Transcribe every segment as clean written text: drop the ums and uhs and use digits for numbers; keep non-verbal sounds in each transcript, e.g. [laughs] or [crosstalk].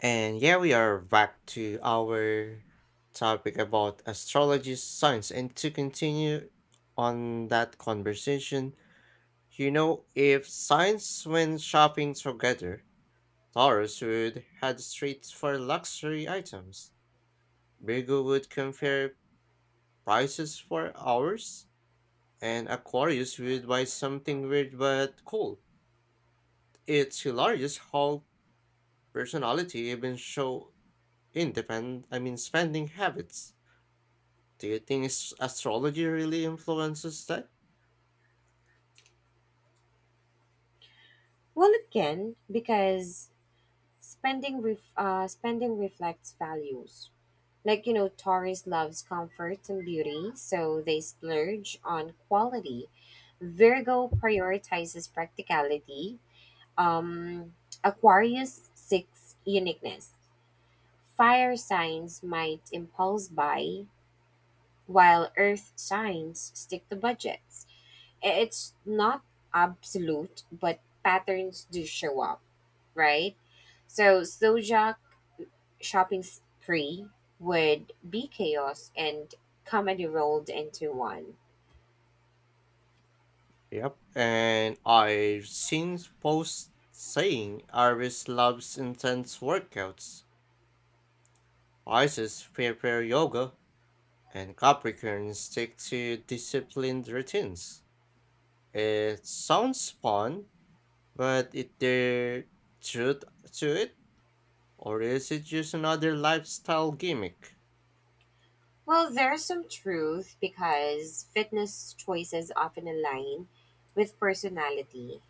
And yeah, we are back to our topic about astrology science. And to continue on that conversation, if science went shopping together, Taurus would head straight for luxury items, Virgo would compare prices for hours, and Aquarius would buy something weird but cool. It's hilarious how personality even show independent, I mean, spending habits. Do you think astrology really influences that? Well, it can because spending reflects values. Like you know, Taurus loves comfort and beauty, so they splurge on quality. Virgo prioritizes practicality. Um, Aquarius seeks uniqueness. Fire signs might impulse buy, while Earth signs stick to budgets. It's not absolute, but patterns do show up, right? So Sojak shopping spree would be chaos and comedy rolled into one. Yep. And I've seen posts saying Aries loves intense workouts, Pisces prepare yoga, and Capricorn stick to disciplined routines. It sounds fun, but is there truth to it? Or is it just another lifestyle gimmick? Well, there's some truth because fitness choices often align with personality.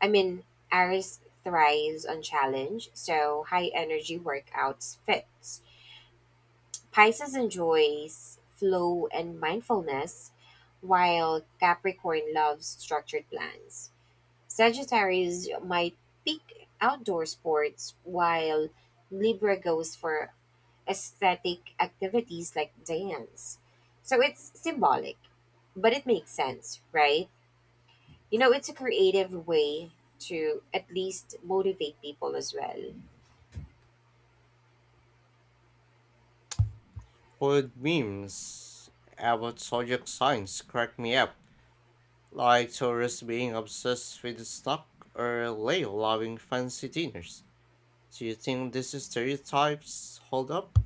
I mean, Aries thrives on challenge, so high energy workouts fits. Pisces enjoys flow and mindfulness, while Capricorn loves structured plans. Sagittarius might pick outdoor sports, while Libra goes for aesthetic activities like dance. So it's symbolic, but it makes sense, right? You know, it's a creative way to at least motivate people as well. Food memes about zodiac signs crack me up like tourists being obsessed with the stock or lay loving fancy dinners. Do you think these stereotypes hold up?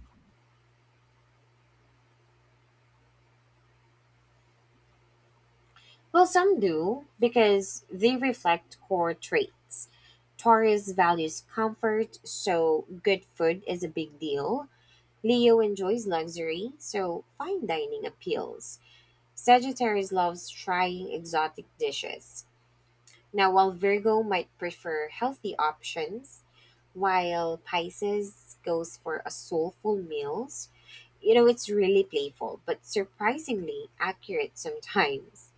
Well, some do because they reflect core traits. Taurus values comfort, so good food is a big deal. Leo enjoys luxury, so fine dining appeals. Sagittarius loves trying exotic dishes. Now, while Virgo might prefer healthy options, while Pisces goes for a soulful meals, you know, it's really playful, but surprisingly accurate sometimes.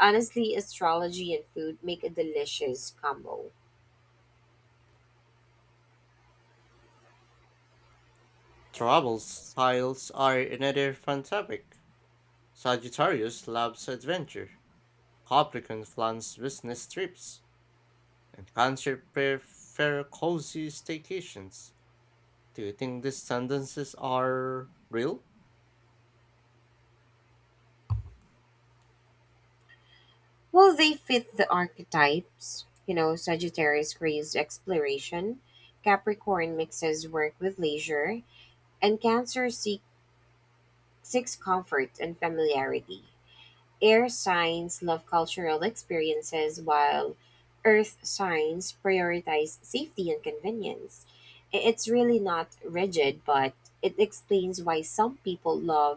Honestly, astrology and food make a delicious combo. Travel styles are another fun topic. Sagittarius loves adventure. Capricorn plans business trips. And Cancer prefer cozy staycations. Do you think these tendencies are real? Well, they fit the archetypes. You know, Sagittarius craves exploration, Capricorn mixes work with leisure, and Cancer seeks comfort and familiarity. Air signs love cultural experiences, while Earth signs prioritize safety and convenience. It's really not rigid, but it explains why some people love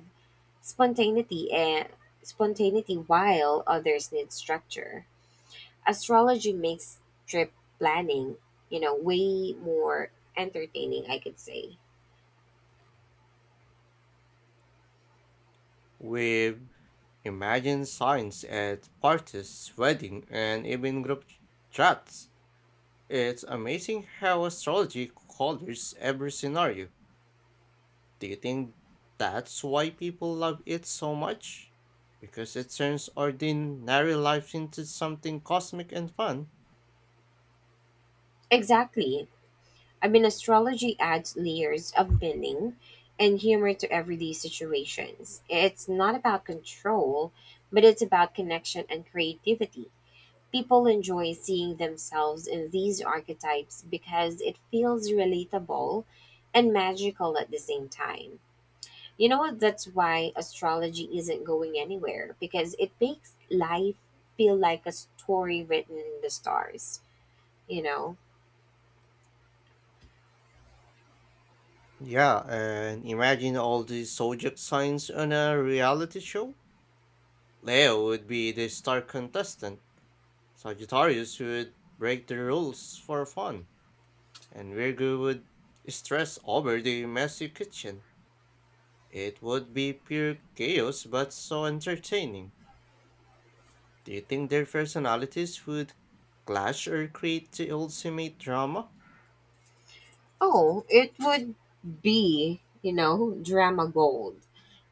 spontaneity and spontaneity while others need structure. Astrology makes trip planning, you know, way more entertaining, I could say. We've imagined signs at parties, wedding, and even group chats. It's amazing how astrology colors every scenario. Do you think that's why people love it so much? Because it turns ordinary life into something cosmic and fun. Exactly. I mean, astrology adds layers of meaning and humor to everyday situations. It's not about control, but it's about connection and creativity. People enjoy seeing themselves in these archetypes because it feels relatable and magical at the same time. You know what? That's why astrology isn't going anywhere, because it makes life feel like a story written in the stars, you know? Yeah, and imagine all these zodiac signs on a reality show. Leo would be the star contestant. Sagittarius would break the rules for fun. And Virgo would stress over the messy kitchen. It would be pure chaos, but so entertaining. Do you think their personalities would clash or create the ultimate drama? Oh, it would be, you know, drama gold.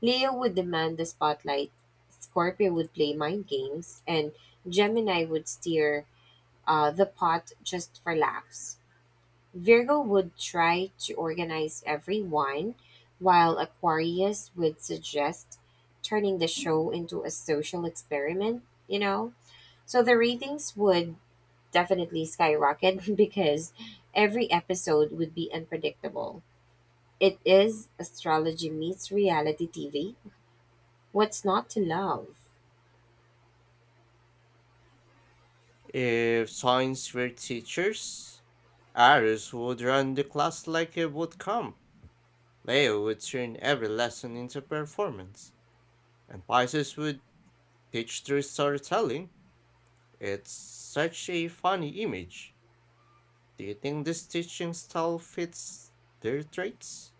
Leo would demand the spotlight, Scorpio would play mind games, and Gemini would steer the pot just for laughs. Virgo would try to organize everyone, while Aquarius would suggest turning the show into a social experiment, you know? So the ratings would definitely skyrocket [laughs] because every episode would be unpredictable. It is astrology meets reality TV. What's not to love? If science were teachers, Aris would run the class like a boot camp. Leo would turn every lesson into performance, and Pisces would teach through storytelling. It's such a funny image. Do you think this teaching style fits their traits?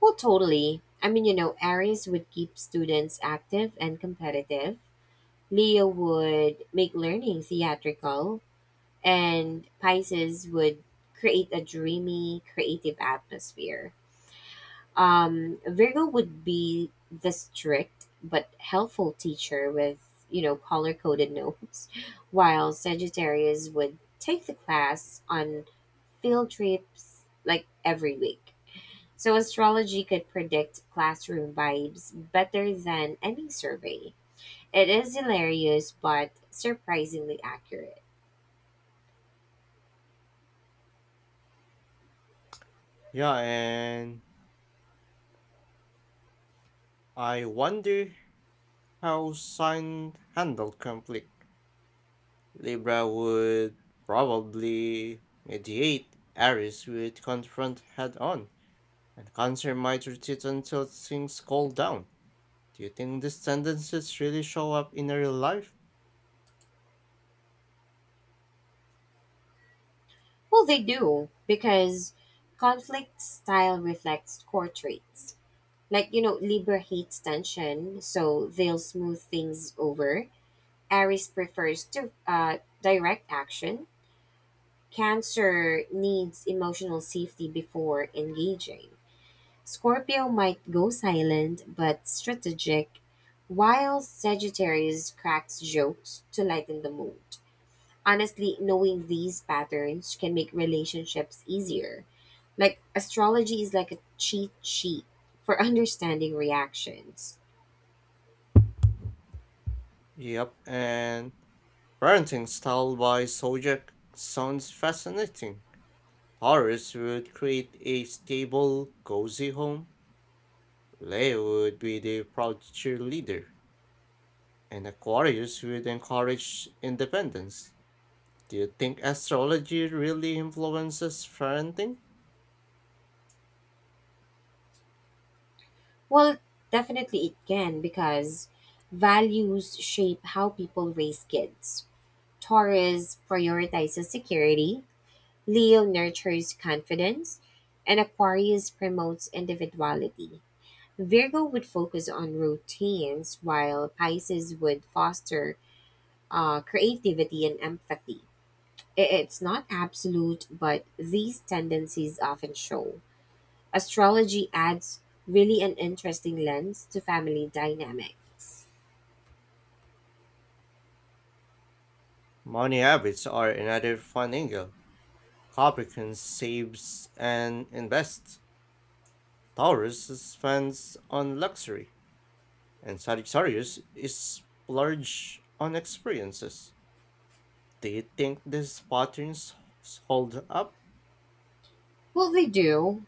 Well, totally. I mean, you know, Aries would keep students active and competitive. Leo would make learning theatrical, and Pisces would create a dreamy, creative atmosphere. Virgo would be the strict but helpful teacher with, you know, color coded notes, while Sagittarius would take the class on field trips like every week. So, astrology could predict classroom vibes better than any survey. It is hilarious but surprisingly accurate. Yeah, and I wonder how Sign handled conflict. Libra would probably mediate, Aries would confront head on, and Cancer might retreat until things cool down. Do you think these tendencies really show up in real life? Well, they do, because conflict style reflects core traits. Like, you know, Libra hates tension, so they'll smooth things over. Aries prefers to, direct action. Cancer needs emotional safety before engaging. Scorpio might go silent but strategic, while Sagittarius cracks jokes to lighten the mood. Honestly, knowing these patterns can make relationships easier. Like, astrology is like a cheat sheet for [laughs] understanding reactions. Yep, and parenting style by Sojak sounds fascinating. Taurus would create a stable, cozy home. Leo would be the proud cheerleader. And Aquarius would encourage independence. Do you think astrology really influences parenting? Well, definitely it can because values shape how people raise kids. Taurus prioritizes security, Leo nurtures confidence, and Aquarius promotes individuality. Virgo would focus on routines, while Pisces would foster creativity and empathy. It's not absolute, but these tendencies often show. Astrology adds really an interesting lens to family dynamics. Money habits are another fun angle. Capricorn saves and invests. Taurus spends on luxury, and Sagittarius is splurge on experiences. Do you think these patterns hold up? Well, they do,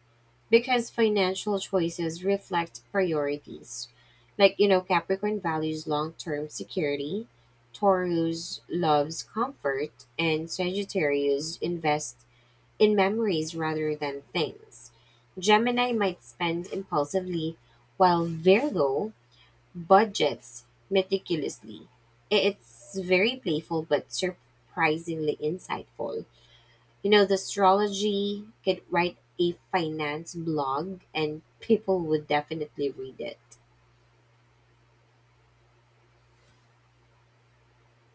because financial choices reflect priorities. Like, you know, Capricorn values long term security, Taurus loves comfort, and Sagittarius invest in memories rather than things. Gemini might spend impulsively, while Virgo budgets meticulously. It's very playful but surprisingly insightful. You know, the astrology could write a finance blog and people would definitely read it.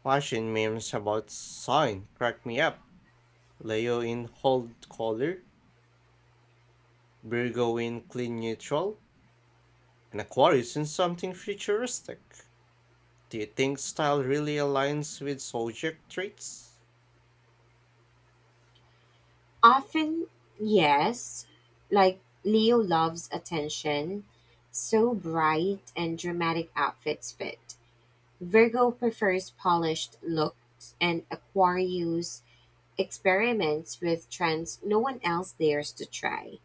Fashion memes about sign crack me up. Leo in hold color Burgoyne clean neutral, and Aquarius in something futuristic. Do you think style really aligns with subject traits? Often, yes, like Leo loves attention, so bright and dramatic outfits fit. Virgo prefers polished looks, and Aquarius experiments with trends no one else dares to try.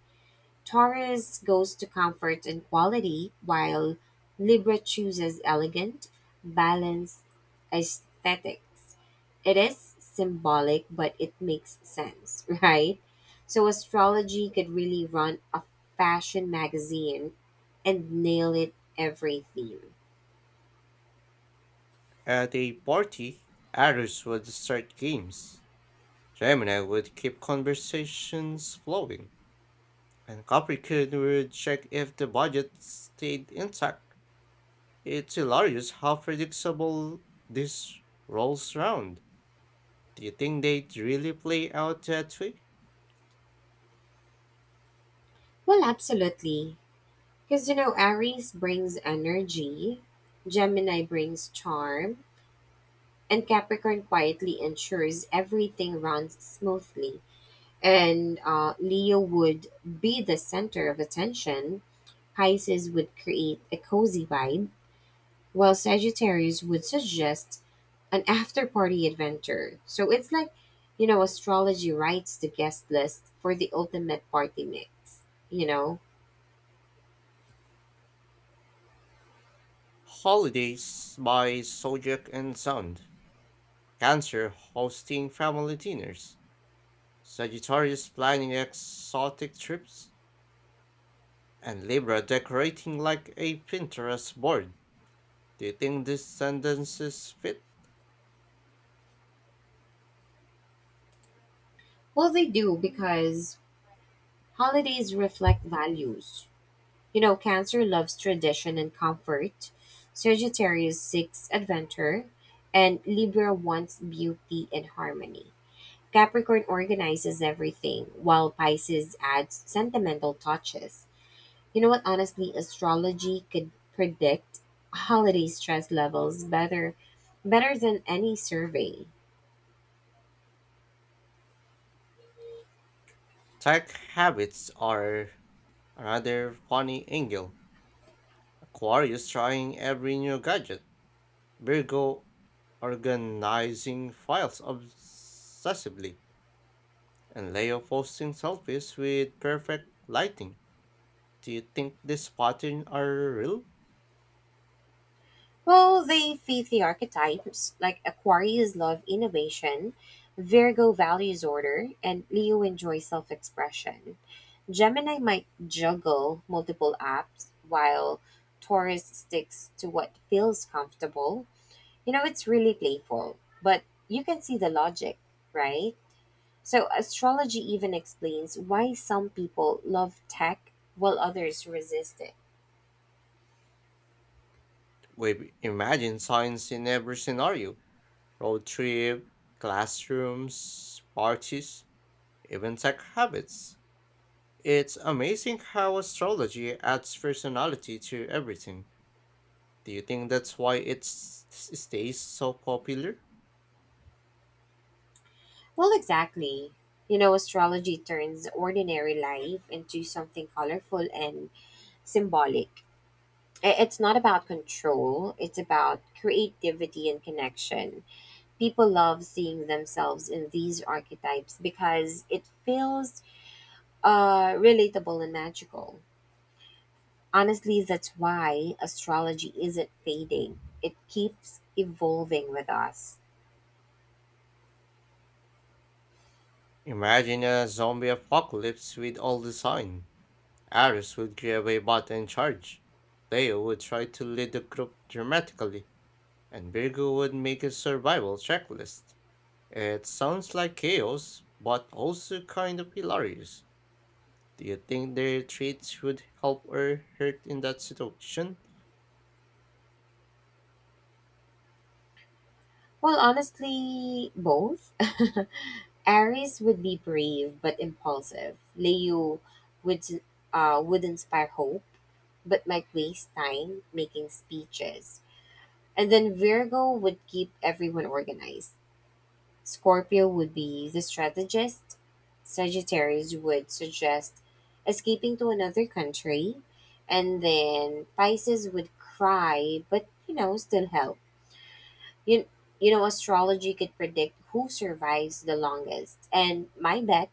Taurus goes to comfort and quality, while Libra chooses elegant, balanced aesthetics. It is symbolic, but it makes sense, [laughs] right? So astrology could really run a fashion magazine and nail it every theme. At a party, Aries would start games, Gemini would keep conversations flowing, and Capricorn would check if the budget stayed intact. It's hilarious how predictable these rolls round. Do you think they'd really play out that way? Well, absolutely. Because, you know, Aries brings energy, Gemini brings charm, and Capricorn quietly ensures everything runs smoothly. And Leo would be the center of attention, Pisces would create a cozy vibe, while Sagittarius would suggest an after party adventure. So it's like, you know, astrology writes the guest list for the ultimate party mix, you know? Holidays by Sojak and Sound. Cancer hosting family dinners, Sagittarius planning exotic trips, and Libra decorating like a Pinterest board. Do you think these tendencies fit? Well, they do because holidays reflect values. You know, Cancer loves tradition and comfort, Sagittarius seeks adventure, and Libra wants beauty and harmony. Capricorn organizes everything, while Pisces adds sentimental touches. You know what? Honestly, astrology could predict holiday stress levels better than any survey. Tech habits are another funny angle. Aquarius trying every new gadget, Virgo organizing files obsessively, and Leo posting selfies with perfect lighting. Do you think these patterns are real? Well, they fit the archetypes. Like Aquarius love innovation, Virgo values order, and Leo enjoys self expression. Gemini might juggle multiple apps, while Taurus sticks to what feels comfortable. You know, it's really playful, but you can see the logic, right? So, astrology even explains why some people love tech while others resist it. We've imagined science in every scenario road trip, classrooms, parties, even tech habits. It's amazing how astrology adds personality to everything. Do you think that's why it stays so popular? Well, exactly. You know, astrology turns ordinary life into something colorful and symbolic. It's not about control, it's about creativity and connection. People love seeing themselves in these archetypes because it feels relatable and magical. Honestly, that's why astrology isn't fading, it keeps evolving with us. Imagine a zombie apocalypse with all the sign. Aries would grab a bat and charge. Leo would try to lead the group dramatically, and Virgo would make a survival checklist. It sounds like chaos, but also kind of hilarious. Do you think their traits would help or hurt in that situation? Well, honestly, both. [laughs] Aries would be brave but impulsive. Leo would would inspire hope but might waste time making speeches. And then Virgo would keep everyone organized. Scorpio would be the strategist. Sagittarius would suggest escaping to another country. And then Pisces would cry but, you know, still help. You, you know, astrology could predict who survives the longest. And my bet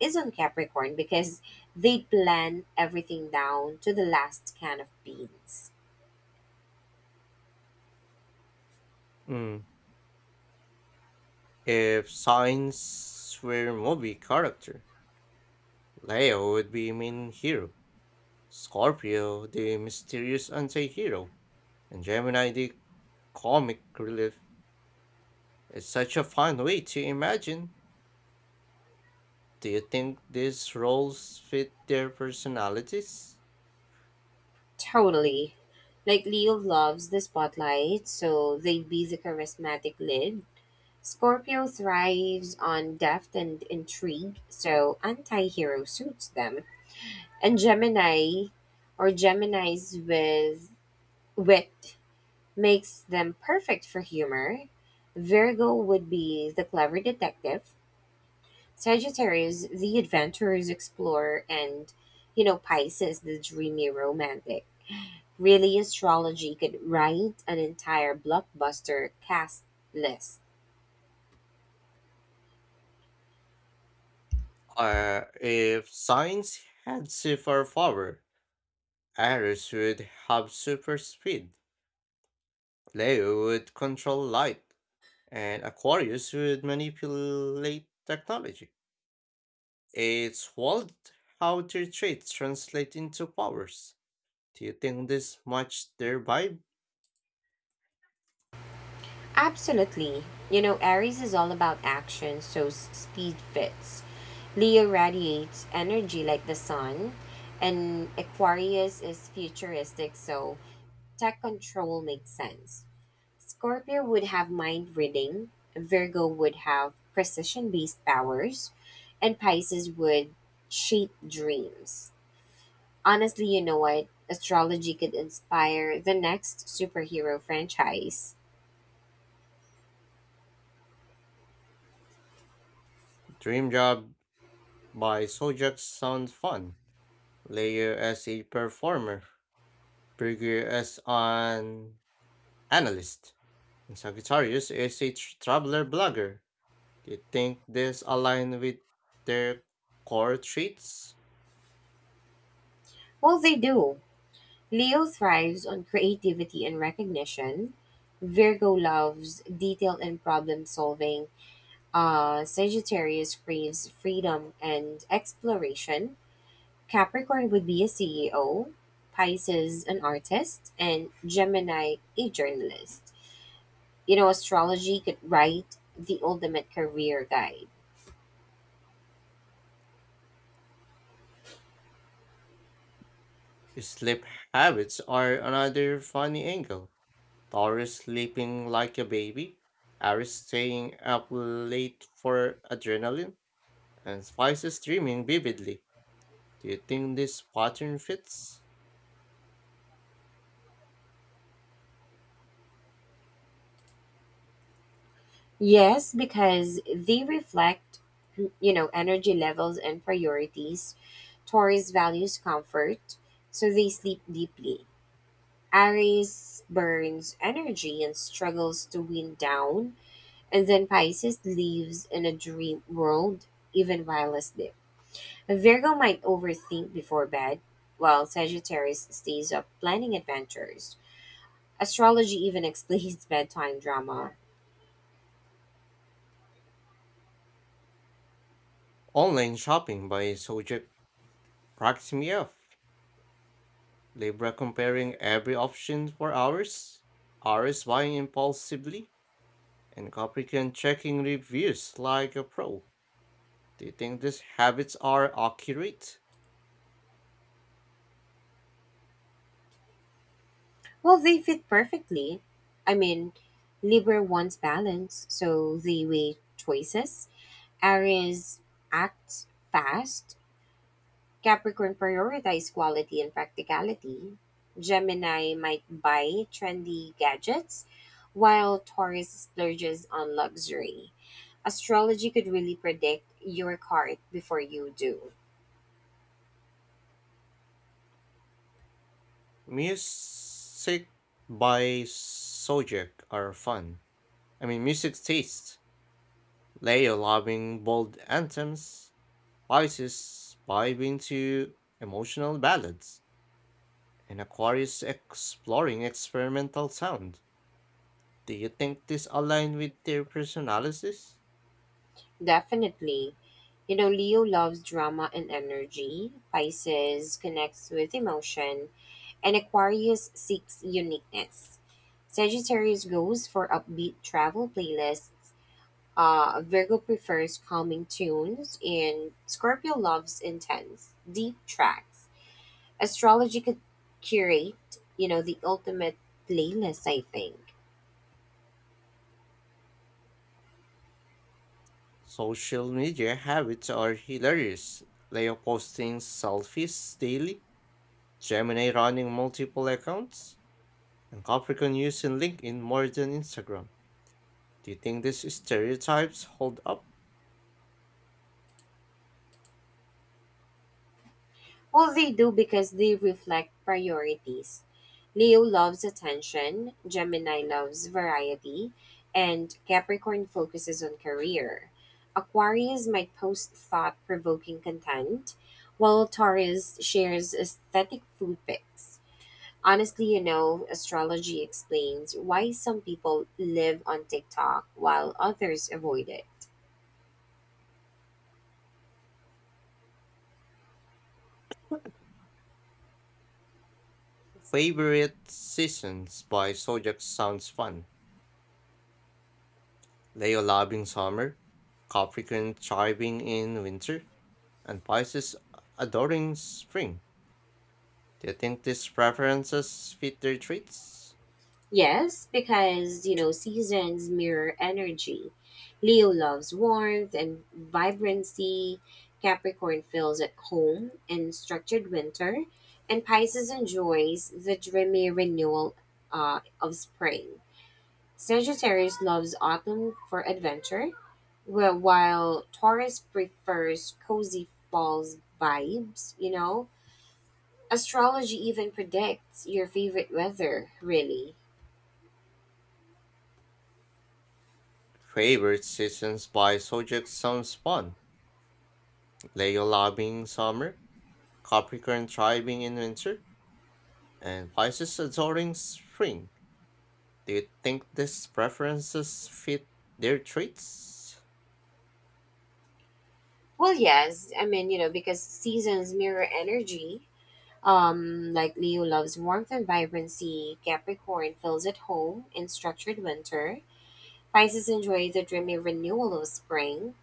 is on Capricorn because they plan everything down to the last can of beans. Mm. If signs were movie character, Leo would be main hero, Scorpio the mysterious anti-hero, and Gemini the comic relief. It's such a fun way to imagine. Do you think these roles fit their personalities? Totally. Like Leo loves the spotlight, so they'd be the charismatic lead. Scorpio thrives on depth and intrigue, so anti hero suits them. And Gemini's with wit makes them perfect for humor. Virgo would be the clever detective, Sagittarius the adventurous explorer, and you know, Pisces the dreamy romantic. Really, astrology could write an entire blockbuster cast list. Or if science had superpower, power, Iris would have super speed, Leo would control light, and Aquarius would manipulate technology. It's wild how their traits translate into powers. Do you think this match their vibe? Absolutely. You know, Aries is all about action, so speed fits. Leo radiates energy like the sun, and Aquarius is futuristic, so tech control makes sense. Scorpio would have mind reading, Virgo would have precision based powers, and Pisces would shape dreams. Honestly, you know what? Astrology could inspire the next superhero franchise. Dream Job by Sojak sounds fun. Leo as a performer Berger as an analyst, and Sagittarius is a traveler blogger. Do you think this align with their core traits? Well, they do. Leo thrives on creativity and recognition. Virgo loves detail and problem solving. Sagittarius craves freedom and exploration. Capricorn would be a CEO, Pisces, an artist, and Gemini, a journalist. You know, astrology could write the ultimate career guide. Sleep habits are another funny angle. Taurus sleeping like a baby, Aries staying up late for adrenaline, and Pisces dreaming vividly. Do you think this pattern fits? Yes, because they reflect, you know, energy levels and priorities. Taurus values comfort, so they sleep deeply. Aries burns energy and struggles to wind down, and then Pisces lives in a dream world even while asleep. Virgo might overthink before bed, while Sagittarius stays up planning adventures. Astrology even explains [laughs] bedtime drama. Online shopping by Sojek cracks me up. Libra comparing every option for hours, Aries buying impulsively, and Capricorn checking reviews like a pro. Do you think these habits are accurate? Well, they fit perfectly. I mean, Libra wants balance, so they weigh choices. Aries acts fast. Capricorn prioritize quality and practicality. Gemini might buy trendy gadgets, while Taurus splurges on luxury. Astrology could really predict your card before you do. Music by Sojek are fun. I mean, music taste. Leo loving bold anthems, Pisces vibing to emotional ballads, and Aquarius exploring experimental sound. Do you think this aligns with their personalities? Definitely. You know, Leo loves drama and energy. Pisces connects with emotion. And Aquarius seeks uniqueness. Sagittarius goes for upbeat travel playlists. Virgo prefers calming tunes, and Scorpio loves intense, deep tracks. Astrology could curate, you know, the ultimate playlist, I think. Social media habits are hilarious. Leo posting selfies daily, Gemini running multiple accounts, and Capricorn using LinkedIn more than Instagram. Do you think these stereotypes hold up? Well, they do because they reflect priorities. Leo loves attention, Gemini loves variety, and Capricorn focuses on career. Aquarius might post thought provoking content, while Taurus shares aesthetic food pics. Honestly, you know, astrology explains why some people live on TikTok while others avoid it. Favorite seasons by Sojak sounds fun. Leo loving summer, Capricorn thriving in winter, and Pisces adoring spring. Do you think these preferences fit their treats? Yes, because, you know, seasons mirror energy. Leo loves warmth and vibrancy. Capricorn feels at home in structured winter. And Pisces enjoys the dreamy renewal of spring. Sagittarius loves autumn for adventure, while Taurus prefers cozy falls vibes, you know? Astrology even predicts your favorite weather, really. Favorite seasons by subject sounds fun. Leo loving summer, Capricorn thriving in winter, and Pisces adoring spring. Do you think these preferences fit their traits? Well, yes. I mean, you know, because seasons mirror energy. Like Leo loves warmth and vibrancy, Capricorn feels at home in structured winter, Pisces enjoys the dreamy renewal of spring,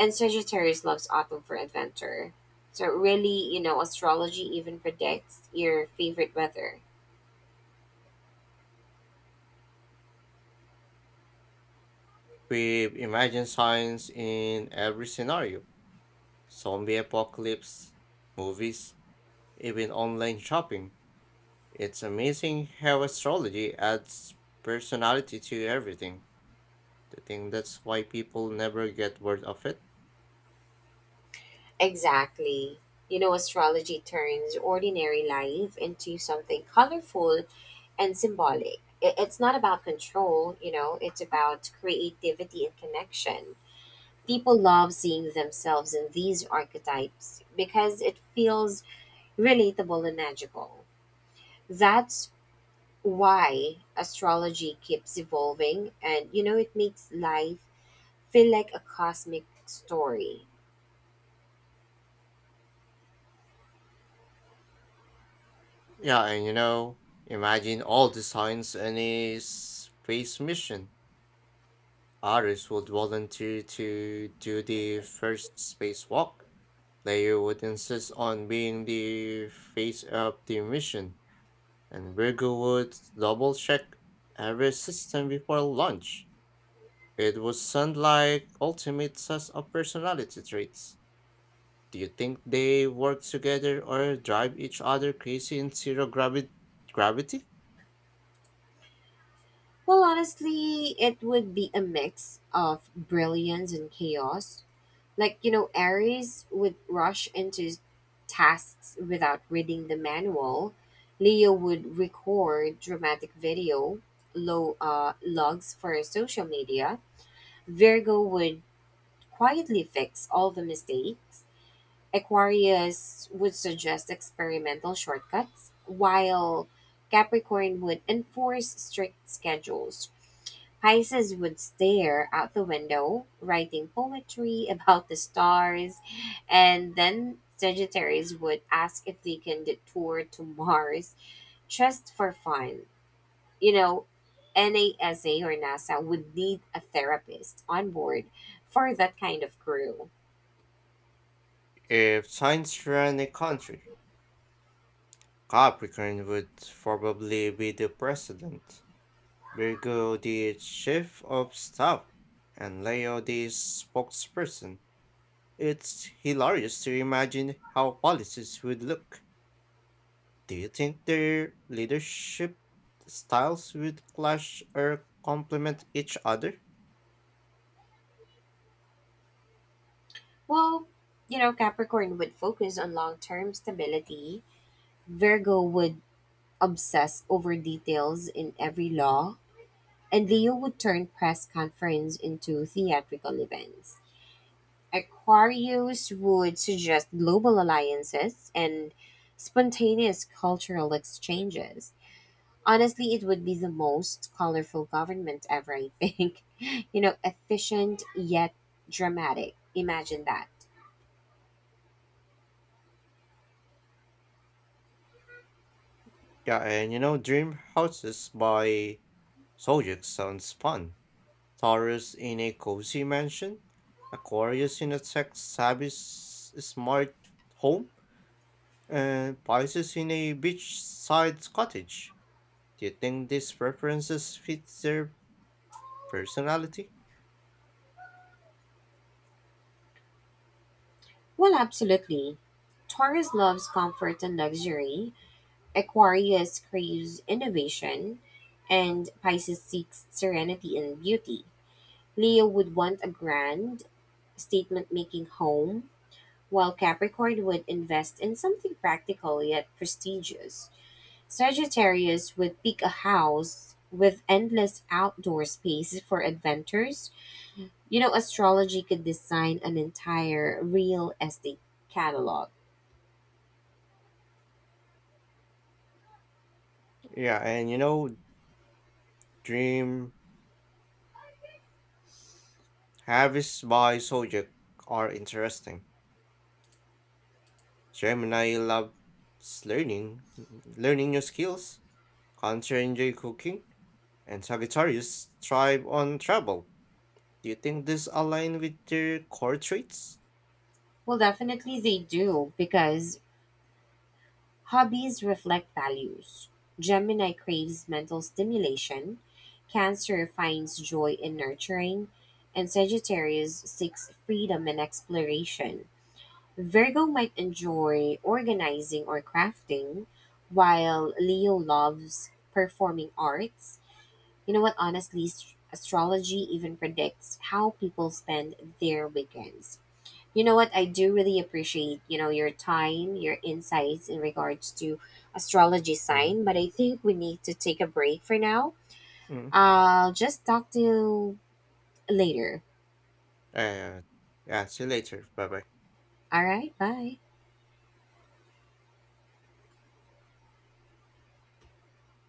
and Sagittarius loves autumn for adventure. So, really, you know, astrology even predicts your favorite weather. We've imagined science in every scenario. Zombie apocalypse, movies, even online shopping. It's amazing how astrology adds personality to everything. I think that's why people never get word of it. Exactly. You know, astrology turns ordinary life into something colorful and symbolic. It's not about control, you know, it's about creativity and connection. People love seeing themselves in these archetypes because it feels relatable and magical. That's why astrology keeps evolving and, you know, it makes life feel like a cosmic story. Yeah, and imagine all the science in a space mission. Others would volunteer to do the first spacewalk. Leia would insist on being the face of the mission, and Virgo would double check every system before launch. It would sound like ultimate test of personality traits. Do you think they work together or drive each other crazy in zero gravity? Well, honestly, it would be a mix of brilliance and chaos. Like, you know, Aries would rush into tasks without reading the manual. Leo would record dramatic video low logs for social media. Virgo would quietly fix all the mistakes. Aquarius would suggest experimental shortcuts, while Capricorn would enforce strict schedules. Pisces would stare out the window, writing poetry [laughs] about the stars, and then Sagittarius would ask if they can detour to Mars just for fun. You know, NASA or NASA would need a therapist on board for that kind of crew. If science ran a country, Capricorn would probably be the president, Virgo the chief of staff, and Leo the spokesperson. It's hilarious to imagine how policies would look. Do you think their leadership styles would clash or complement each other? Well, you know, Capricorn would focus on long term stability, Virgo would obsess over details in every law and Leo would turn press conference into theatrical events. Aquarius would suggest global alliances and spontaneous cultural exchanges. Honestly, it would be the most colorful government ever, I think. [laughs] You know, efficient yet dramatic. Imagine that. Yeah, and Dream Houses by Soyuz sounds fun. Taurus in a cozy mansion, Aquarius in a tech-savvy smart home, and Pisces in a beachside cottage. Do you think these preferences fit their personality? Well, absolutely. Taurus loves comfort and luxury, Aquarius craves innovation, and Pisces seeks serenity and beauty. Leo would want a grand, statement-making home, while Capricorn would invest in something practical yet prestigious. Sagittarius would pick a house with endless outdoor space for adventures. You know, astrology could design an entire real estate catalog. Yeah, and Dream Harvest by Sojek are interesting. Gemini loves learning, learning new skills. Cancer enjoy cooking. And Sagittarius thrive on travel. Do you think this align with their core traits? Well, definitely they do because hobbies reflect values. Gemini craves mental stimulation, Cancer finds joy in nurturing, and Sagittarius seeks freedom and exploration. Virgo might enjoy organizing or crafting, while Leo loves performing arts. You know what? Honestly, astrology even predicts how people spend their weekends. You know what? I do really appreciate, you know, your time, your insights in regards to astrology Mm. sign, but I think we need to take a break for now. Mm. I'll just talk to you later. Uh, yeah, see you later. Bye bye. All right, bye.